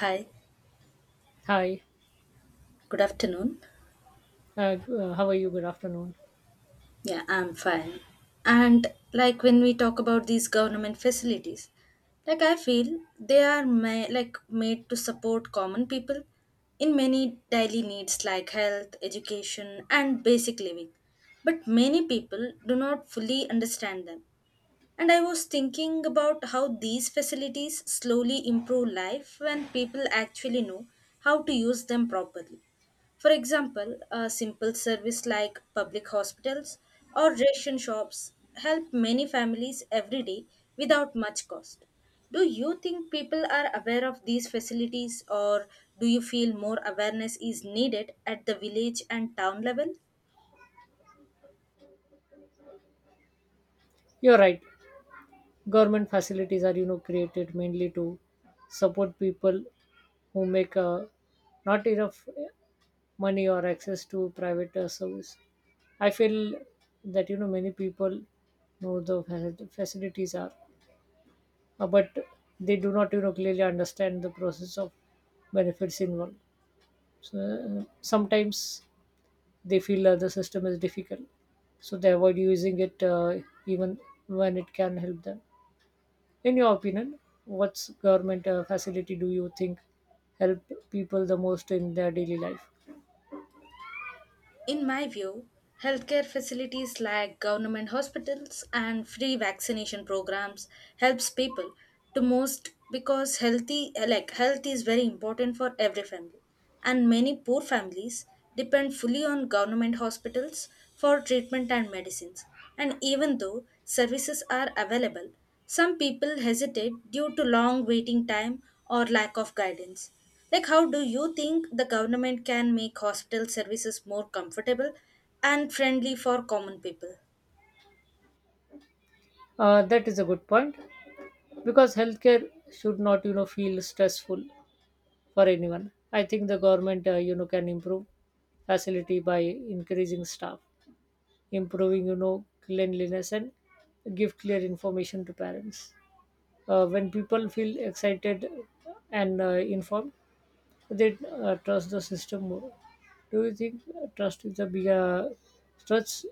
Hi, Hi, good afternoon. How are you? Good afternoon. Yeah, I'm fine. And like when we talk about these government facilities, like I feel they are like made to support common people in many daily needs like health, education, and basic living. But many people do not fully understand them. And I was thinking about how these facilities slowly improve life when people actually know how to use them properly. For example, a simple service like public hospitals or ration shops help many families every day without much cost. Do you think people are aware of these facilities, or do you feel more awareness is needed at the village and town level? You're right. Government facilities are created mainly to support people who make not enough money or access to private service. I feel that many people know the facilities are, but they do not clearly understand the process of benefits involved. So sometimes they feel that the system is difficult, so they avoid using it even when it can help them. In your opinion, what's government facility do you think help people the most in their daily life? In my view, healthcare facilities like government hospitals and free vaccination programs helps people to most because healthy like health is very important for every family and many poor families depend fully on government hospitals for treatment and medicines, and even though services are available, some people hesitate due to long waiting time or lack of guidance. Like, how do you think the government can make hospital services more comfortable and friendly for common people? That is a good point because healthcare should not feel stressful for anyone. I think the government can improve facility by increasing staff, improving cleanliness, and give clear information to parents. When people feel excited and informed, they trust the system more. Do you think trust is a big trust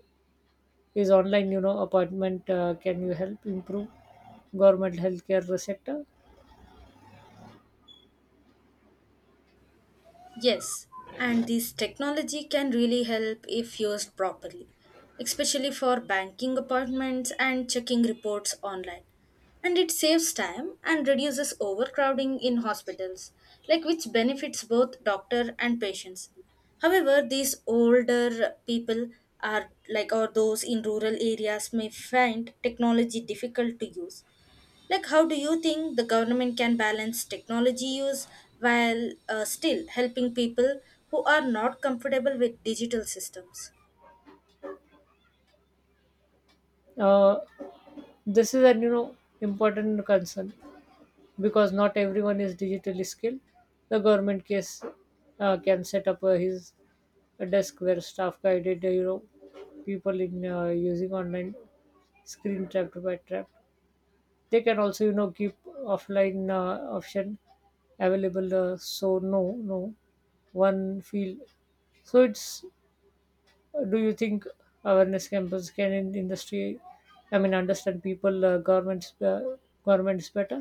is online? Appointment can you help improve government healthcare sector? Yes, and this technology can really help if used properly, especially for banking appointments and checking reports online. And it saves time and reduces overcrowding in hospitals, like which benefits both doctor and patients. However, these older people are like or those in rural areas may find technology difficult to use. Like, how do you think the government can balance technology use while still helping people who are not comfortable with digital systems? Uh, this is an important concern because not everyone is digitally skilled. The government case can set up his a desk where staff guided people in using online screen trapped by trapped. They can also keep offline option available, so no one field, so it's, do you think awareness campus can in industry, I mean, understand people governments better?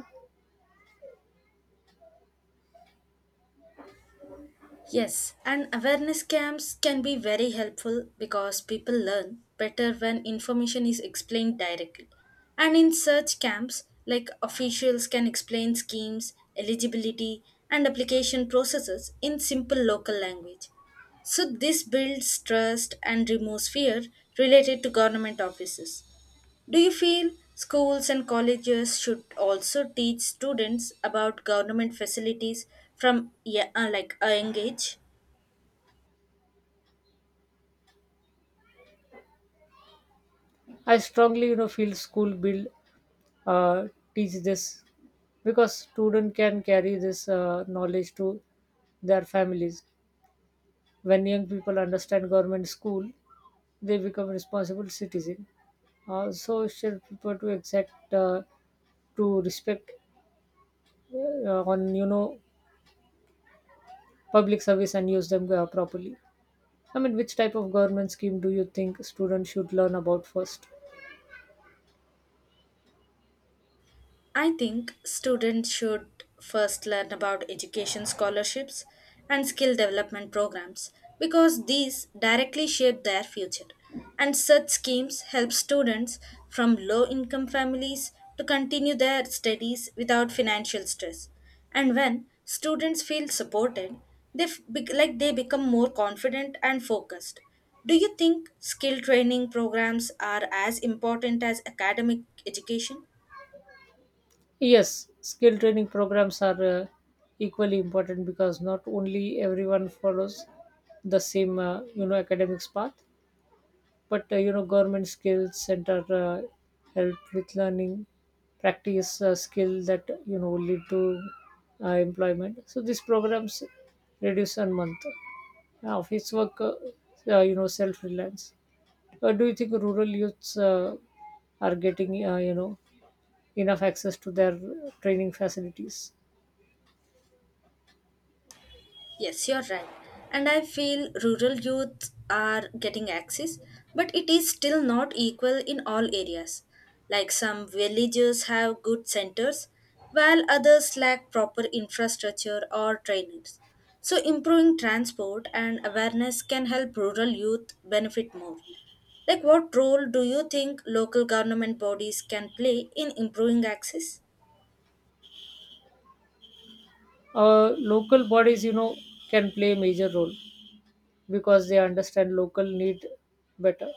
Yes, and awareness camps can be very helpful because people learn better when information is explained directly. And in such camps, like officials can explain schemes, eligibility, and application processes in simple local language. So, this builds trust and removes fear related to government offices. Do you feel schools and colleges should also teach students about government facilities from yeah, like a young age? I strongly feel school build, uh, teach this because student can carry this knowledge to their families. When young people understand government school, they become responsible citizen. So should people to exact, to respect on public service and use them properly. I mean, which type of government scheme do you think students should learn about first? I think students should first learn about education scholarships and skill development programs because these directly shape their future. And such schemes help students from low income families to continue their studies without financial stress. And when students feel supported, they like they become more confident and focused. Do you think skill training programs are as important as academic education? Yes, skill training programs are equally important because not only everyone follows the same academics path. But government skills center help with learning, practice skill that lead to employment. So these programs reduce on month office work. Self reliance. Do you think rural youths are getting enough access to their training facilities? Yes, you're right. And I feel rural youth are getting access, but it is still not equal in all areas. Like some villages have good centers, while others lack proper infrastructure or trainers. So, improving transport and awareness can help rural youth benefit more. Like, what role do you think local government bodies can play in improving access? Local bodies can play a major role because they understand local need better.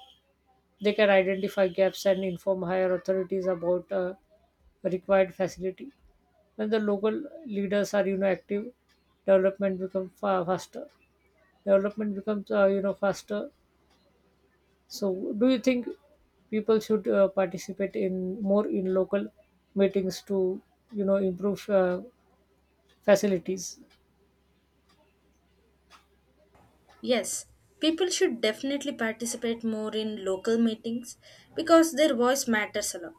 They can identify gaps and inform higher authorities about required facility. When the local leaders are active, development becomes faster. Development becomes faster. So, do you think people should participate in more in local meetings to improve facilities? Yes, people should definitely participate more in local meetings because their voice matters a lot.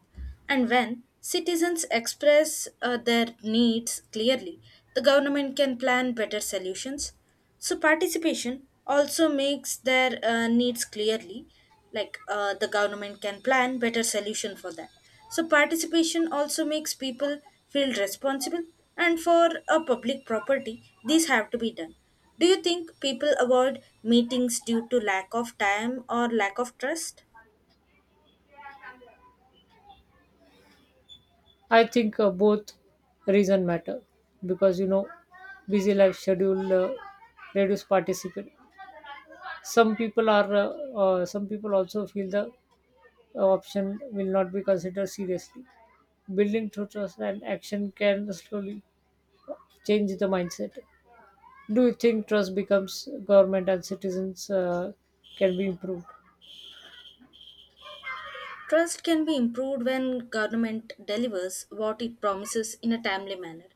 And when citizens express their needs clearly, the government can plan better solutions. So, participation also makes their needs clearly, like the government can plan better solution for that. So, participation also makes people feel responsible, and for a public property, these have to be done. Do you think people avoid meetings due to lack of time or lack of trust? I think both reason matter because busy life schedule reduce participation. some people are uh, some people also feel the option will not be considered seriously. Building through trust and action can slowly change the mindset. Do you think trust becomes government and citizens can be improved? Trust can be improved when government delivers what it promises in a timely manner.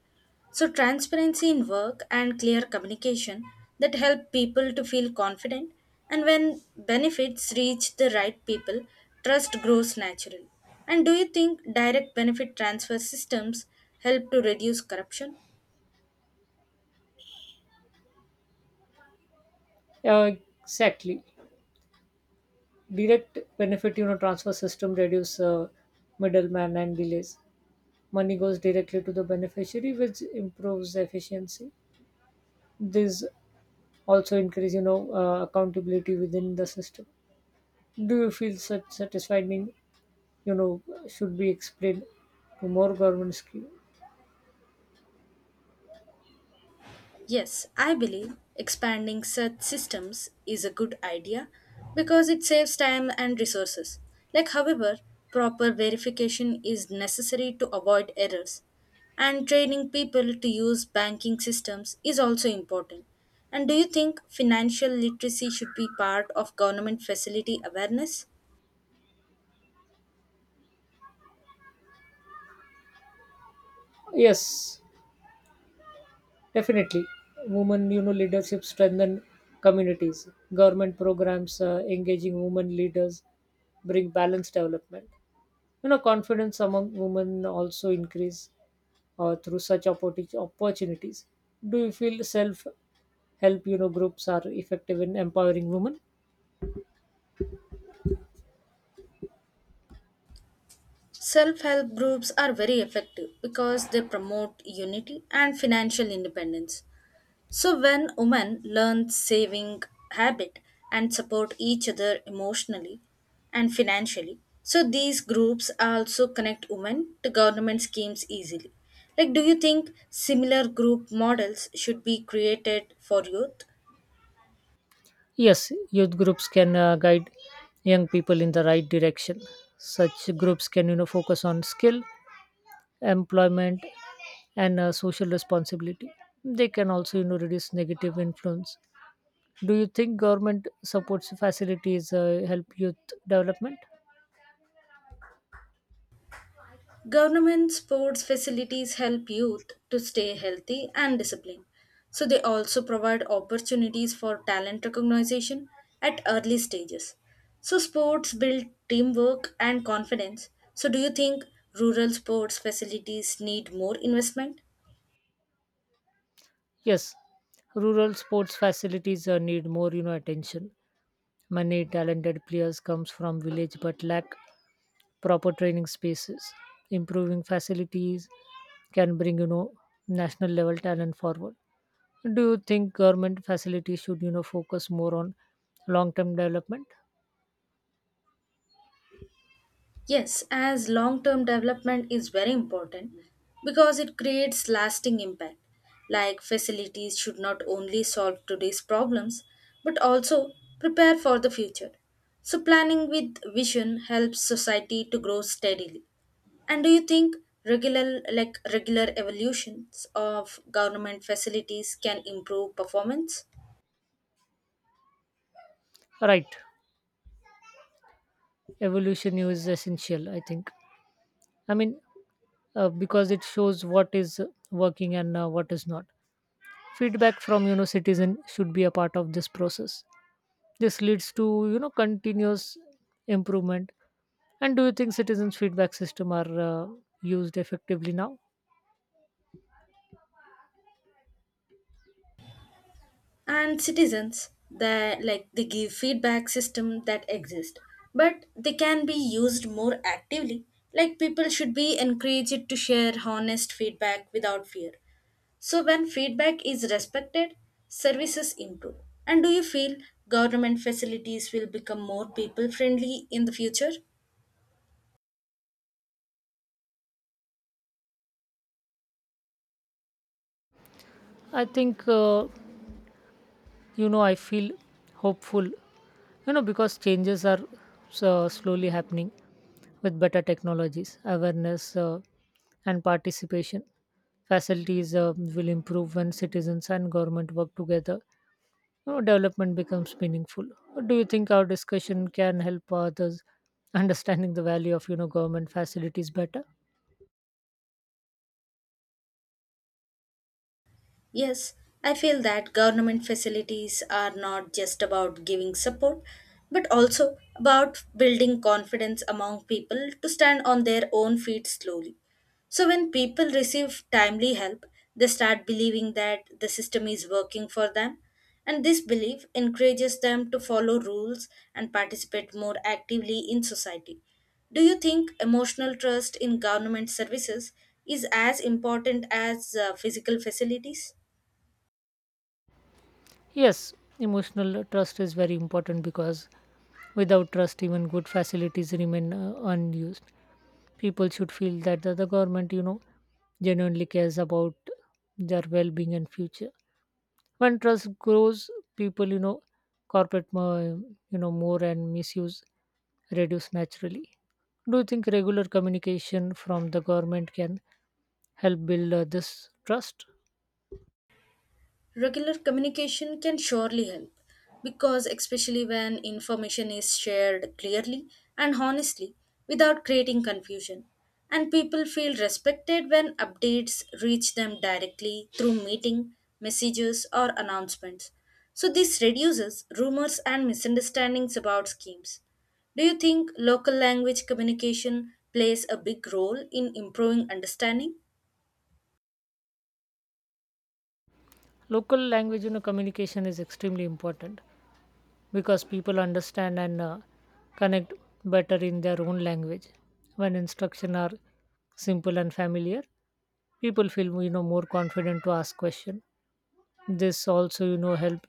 So transparency in work and clear communication that help people to feel confident, and when benefits reach the right people, trust grows naturally. And do you think direct benefit transfer systems help to reduce corruption? uh, exactly. Direct benefit transfer system reduce middleman and delays. Money goes directly to the beneficiary, which improves efficiency. This also increase accountability within the system. Do you feel such satisfied? Mean, You know, should be explained to more government scheme. Yes, I believe expanding such systems is a good idea because it saves time and resources. Like, however, proper verification is necessary to avoid errors, and training people to use banking systems is also important. And do you think financial literacy should be part of government facility awareness? Yes, definitely. Women leadership strengthen communities. Government programs engaging women leaders bring balanced development. Confidence among women also increase through such opportunities. Do you feel self help? Groups are effective in empowering women. Self help groups are very effective because they promote unity and financial independence. So, when women learn saving habit and support each other emotionally and financially, so these groups also connect women to government schemes easily. Like, do you think similar group models should be created for youth? Yes, youth groups can guide young people in the right direction. Such groups can focus on skill, employment, and social responsibility. They can also reduce negative influence. Do you think government supports facilities help youth development? Government sports facilities help youth to stay healthy and disciplined. So they also provide opportunities for talent recognition at early stages. So sports build teamwork and confidence. So do you think rural sports facilities need more investment? Yes, rural sports facilities need more attention. Many talented players comes from village but lack proper training spaces. Improving facilities can bring national level talent forward. Do you think government facilities should focus more on long term development? Yes, as long term development is very important because it creates lasting impact. Like facilities should not only solve today's problems but also prepare for the future. So, planning with vision helps society to grow steadily. And do you think regular evolutions of government facilities can improve performance? Right, evolution is essential, I think. I mean, because it shows what is working and what is not. Feedback from citizen should be a part of this process. This leads to continuous improvement. And do you think citizens' feedback system are used effectively now? And citizens that like they give feedback system that exist, but they can be used more actively. Like people should be encouraged to share honest feedback without fear, so when feedback is respected, services improve. And do you feel government facilities will become more people friendly in the future? I think, uh, I feel hopeful, because changes are slowly happening with better technologies, awareness, and participation. Facilities will improve when citizens and government work together. Development becomes meaningful. Do you think our discussion can help others understanding the value of government facilities better? Yes, I feel that government facilities are not just about giving support, but also about building confidence among people to stand on their own feet slowly. So, when people receive timely help, they start believing that the system is working for them, and this belief encourages them to follow rules and participate more actively in society. Do you think emotional trust in government services is as important as physical facilities? Yes, emotional trust is very important because without trust, even good facilities remain unused. People should feel that the government genuinely cares about their well-being and future. When trust grows, people corporate, more and misuse reduce naturally. Do you think regular communication from the government can help build this trust? Regular communication can surely help because, especially when information is shared clearly and honestly without creating confusion, and people feel respected when updates reach them directly through meeting, messages, or announcements. So, this reduces rumors and misunderstandings about schemes. Do you think local language communication plays a big role in improving understanding? Local language communication is extremely important because people understand and connect better in their own language. When instruction are simple and familiar, people feel more confident to ask question. This also help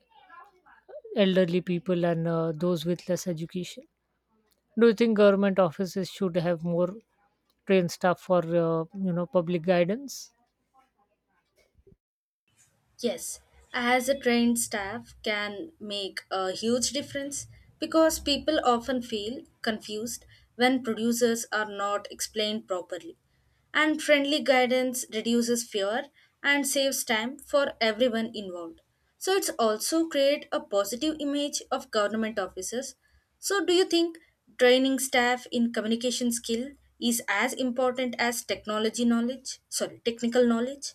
elderly people and those with less education. Do you think government offices should have more trained staff for public guidance? Yes, as a trained staff can make a huge difference because people often feel confused when producers are not explained properly. And friendly guidance reduces fear and saves time for everyone involved. So it's also create a positive image of government officers. So do you think training staff in communication skill is as important as technology knowledge? Sorry, technical knowledge?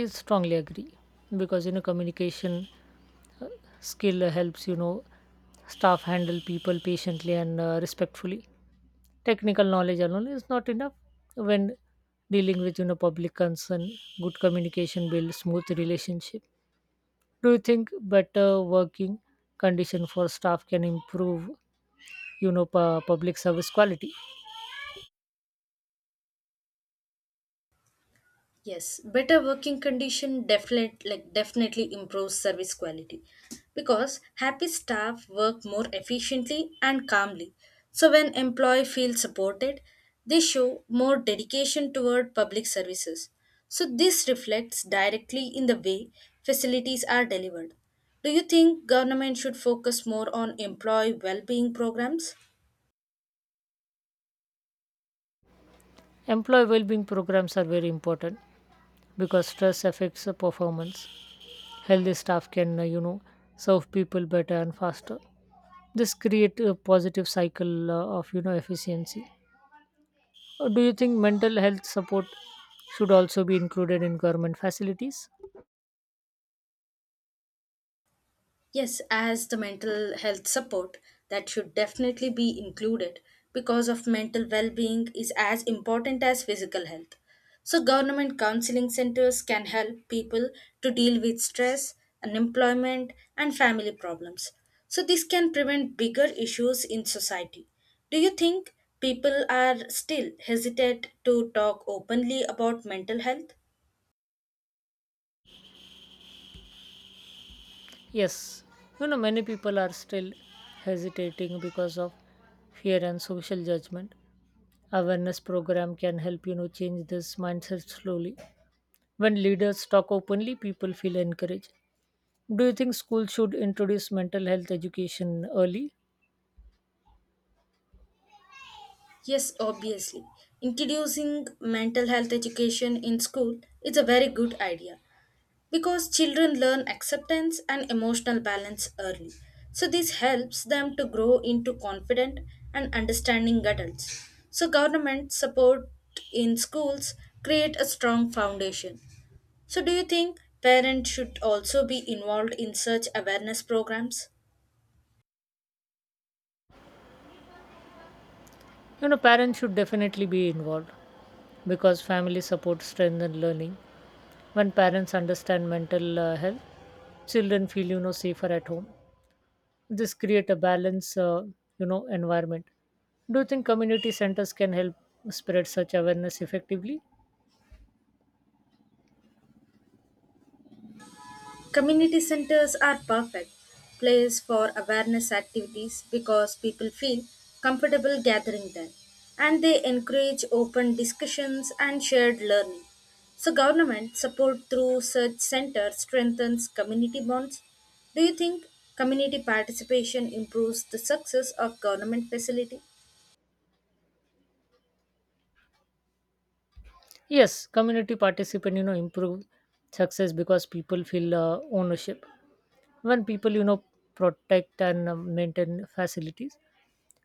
I strongly agree because communication skill helps staff handle people patiently and respectfully. Technical knowledge alone is not enough when dealing with public concern. Good communication builds smooth relationship. Do you think better working condition for staff can improve public service quality? Yes, better working condition definitely improves service quality because happy staff work more efficiently and calmly. So when employee feels supported, they show more dedication toward public services. So this reflects directly in the way facilities are delivered. Do you think government should focus more on employee well-being programs? Employee well-being programs are very important because stress affects the performance. Healthy staff can serve people better and faster. This create a positive cycle of efficiency. Do you think mental health support should also be included in government facilities? Yes, as the mental health support that should definitely be included because of mental well-being is as important as physical health. So government counseling centers can help people to deal with stress, unemployment and family problems. So this can prevent bigger issues in society. Do you think people are still hesitant to talk openly about mental health? Yes, many people are still hesitating because of fear and social judgment. Awareness program can help change this mindset slowly. When leaders talk openly, people feel encouraged. Do you think schools should introduce mental health education early? Yes, obviously. Introducing mental health education in school is a very good idea because children learn acceptance and emotional balance early. So, this helps them to grow into confident and understanding adults. So, government support in schools create a strong foundation. So, do you think parents should also be involved in such awareness programs? Parents should definitely be involved because family support strengthens learning. When parents understand mental health, children feel safer at home. This create a balance environment. Do you think community centers can help spread such awareness effectively? Community centers are perfect place for awareness activities because people feel comfortable gathering there and they encourage open discussions and shared learning. So government support through such centers strengthens community bonds. Do you think community participation improves the success of government facility? Yes, community participant improve success because people feel ownership. When people protect and maintain facilities,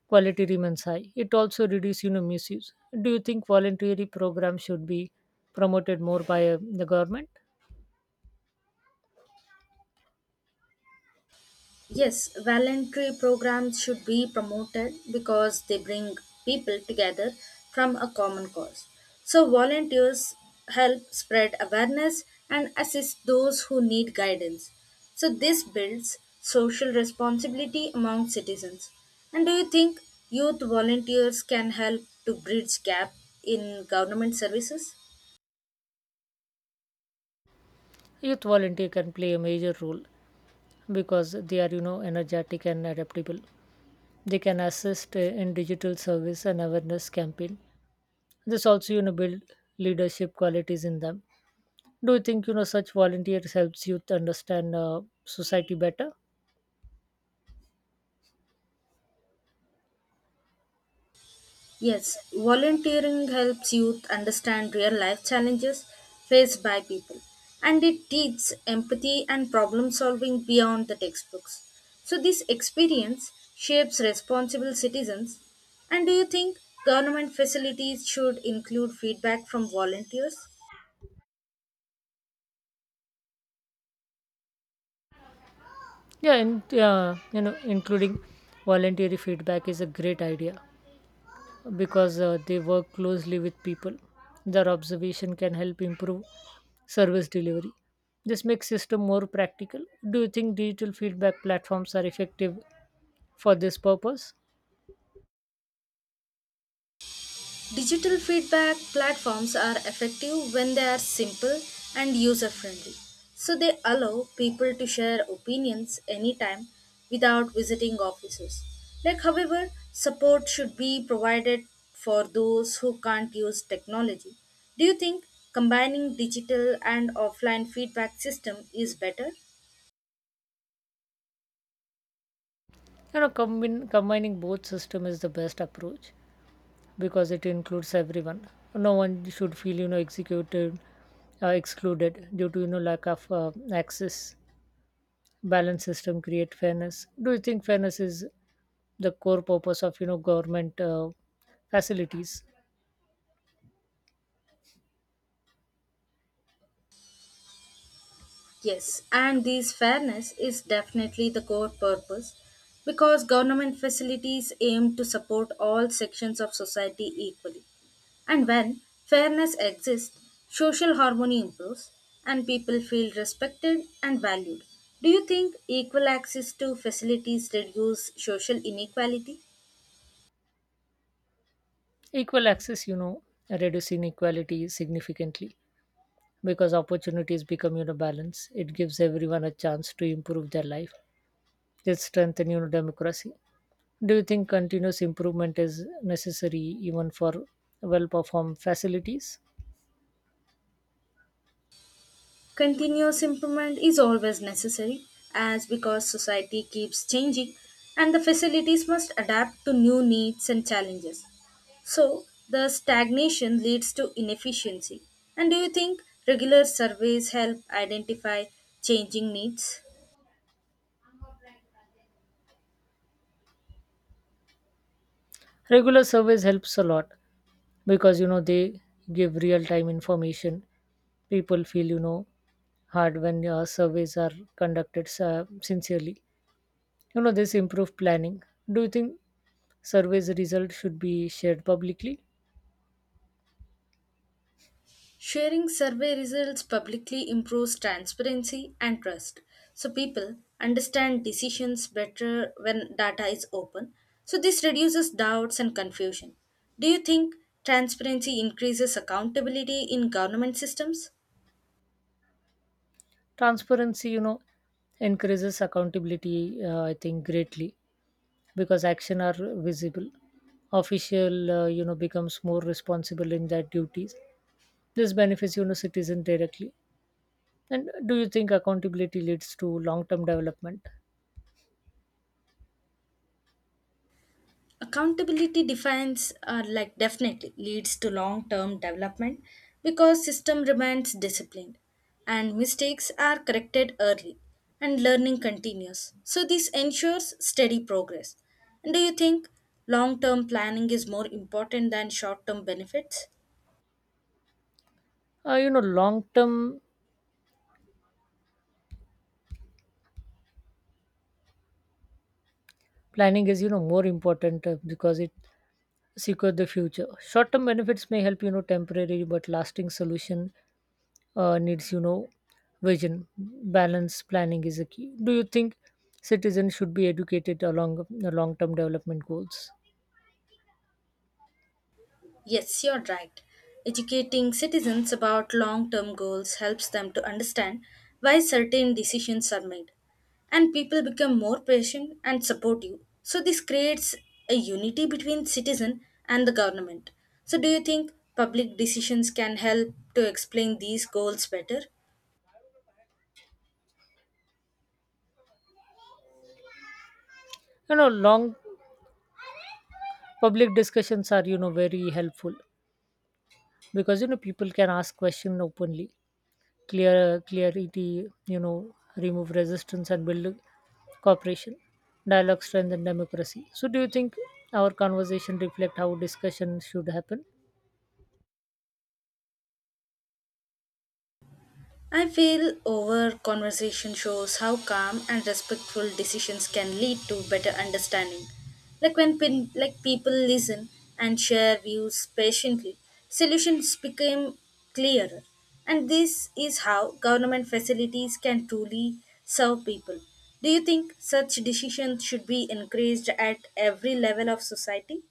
quality remains high. It also reduces misuse. Do you think voluntary program should be promoted more by the government? Yes, voluntary programs should be promoted because they bring people together from a common cause. So, volunteers help spread awareness and assist those who need guidance. So, this builds social responsibility among citizens. And do you think youth volunteers can help to bridge gap in government services? Youth volunteer can play a major role because they are energetic and adaptable. They can assist in digital service and awareness campaign. This also build leadership qualities in them. Do you think such volunteers helps youth understand society better? Yes, volunteering helps youth understand real life challenges faced by people and it teaches empathy and problem solving beyond the textbooks. So, this experience shapes responsible citizens. And do you think government facilities should include feedback from volunteers? Yeah, and including voluntary feedback is a great idea. Because they work closely with people. Their observation can help improve service delivery. This makes system more practical. Do you think digital feedback platforms are effective for this purpose? Digital feedback platforms are effective when they are simple and user friendly. So they allow people to share opinions anytime without visiting offices. Like however, support should be provided for those who can't use technology. Do you think combining digital and offline feedback system is better? Combining both system is the best approach because it includes everyone. No one should feel excluded due to lack of access. Balance system create fairness. Do you think fairness is the core purpose of government facilities? Yes, and this fairness is definitely the core purpose because government facilities aim to support all sections of society equally. And when fairness exists, social harmony improves and people feel respected and valued. Do you think equal access to facilities reduce social inequality? Equal access reduce inequality significantly because opportunities become balanced. It gives everyone a chance to improve their life. It strengthens democracy. Do you think continuous improvement is necessary even for well performed facilities? Continuous improvement is always necessary as because society keeps changing and the facilities must adapt to new needs and challenges. So, the stagnation leads to inefficiency. And do you think regular surveys help identify changing needs? Regular surveys helps a lot because they give real time information. People feel hard when surveys are conducted sincerely. This improved planning. Do you think surveys results should be shared publicly? Sharing survey results publicly improves transparency and trust. So people understand decisions better when data is open. So this reduces doubts and confusion. Do you think transparency increases accountability in government systems? Transparency encourages accountability, I think, greatly because action are visible. Official becomes more responsible in their duties. This benefits citizen directly. And do you think accountability leads to long-term development? Accountability like, definitely leads to long term development because system remains disciplined and mistakes are corrected early and learning continues. So, this ensures steady progress. And do you think long term planning is more important than short term benefits? Long-term planning is more important because it secure the future. Short term benefits may help temporary but lasting solution needs vision. Balance planning is a key. Do you think citizens should be educated along the long term development goals? Yes, you're right. Educating citizens about long term goals helps them to understand why certain decisions are made, and people become more patient and supportive. So, this creates a unity between citizen and the government. So, do you think public decisions can help to explain these goals better? Long public discussions are very helpful because people can ask questions openly. Clear clarity remove resistance and build cooperation. Dialogue strengthen democracy. So do you think our conversation reflect how discussion should happen? I feel over conversation shows how calm and respectful decisions can lead to better understanding. Like like people listen and share views patiently, solutions become clearer. And this is how government facilities can truly serve people. Do you think such decisions should be encouraged at every level of society?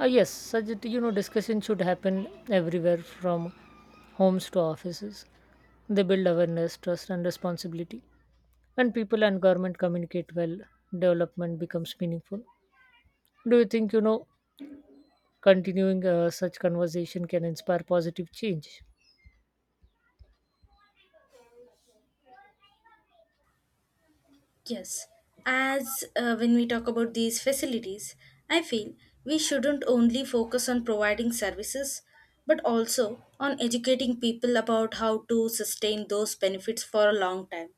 Yes, such that, discussion should happen everywhere from homes to offices. They build awareness, trust, and responsibility. When people and government communicate well, development becomes meaningful. Do you think continuing such conversation can inspire positive change? Yes, as when we talk about these facilities, I feel we shouldn't only focus on providing services but also on educating people about how to sustain those benefits for a long time,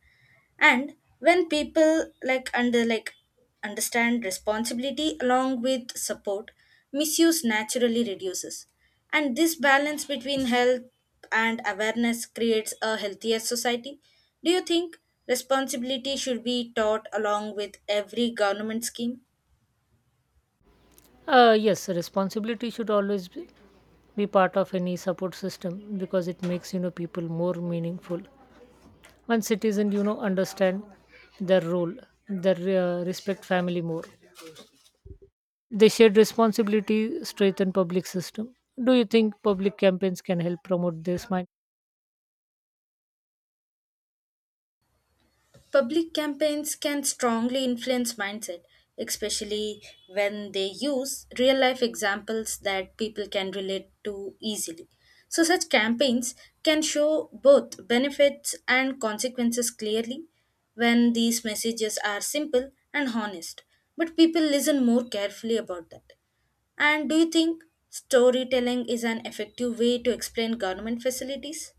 and when people understand responsibility along with support, misuse naturally reduces, and this balance between health and awareness creates a healthier society. Do you think responsibility should be taught along with every government scheme? Yes, responsibility should always be part of any support system because it makes people more meaningful. When citizens understand their role, their respect family more. They shared responsibility strengthen public system. Do you think public campaigns can help promote this mind? Public campaigns can strongly influence mindset, especially when they use real life examples that people can relate to easily. So, such campaigns can show both benefits and consequences clearly when these messages are simple and honest. But people listen more carefully about that. And do you think storytelling is an effective way to explain government facilities?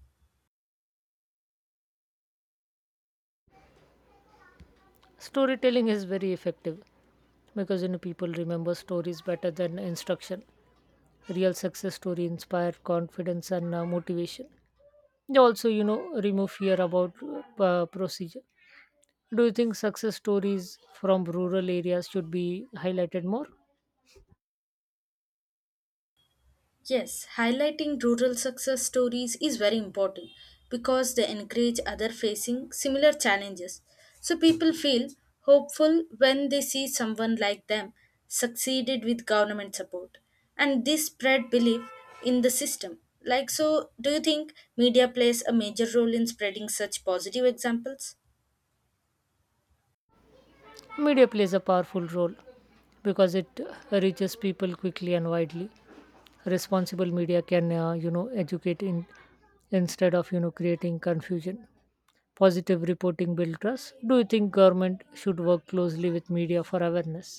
Storytelling is very effective because people remember stories better than instruction. Real success story inspire confidence and motivation. They also remove fear about procedure. Do you think success stories from rural areas should be highlighted more? Yes, highlighting rural success stories is very important because they encourage other facing similar challenges. So people feel hopeful when they see someone like them succeeded with government support and this spread belief in the system. Like so do you think media plays a major role in spreading such positive examples? Media plays a powerful role because it reaches people quickly and widely. Responsible media can educate in instead of creating confusion. Positive reporting builds trust. Do you think government should work closely with media for awareness?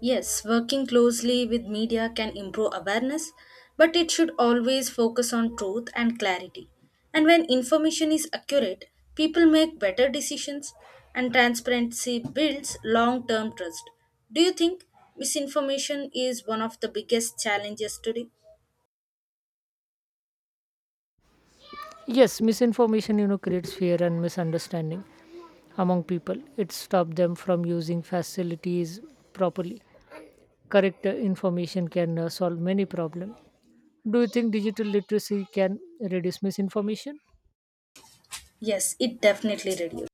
Yes, working closely with media can improve awareness, but it should always focus on truth and clarity. And when information is accurate, people make better decisions and transparency builds long term trust. Do you think misinformation is one of the biggest challenges today? Yes, misinformation creates fear and misunderstanding among people. It stops them from using facilities properly. Correct information can solve many problems. Do you think digital literacy can reduce misinformation? Yes, it definitely reduces.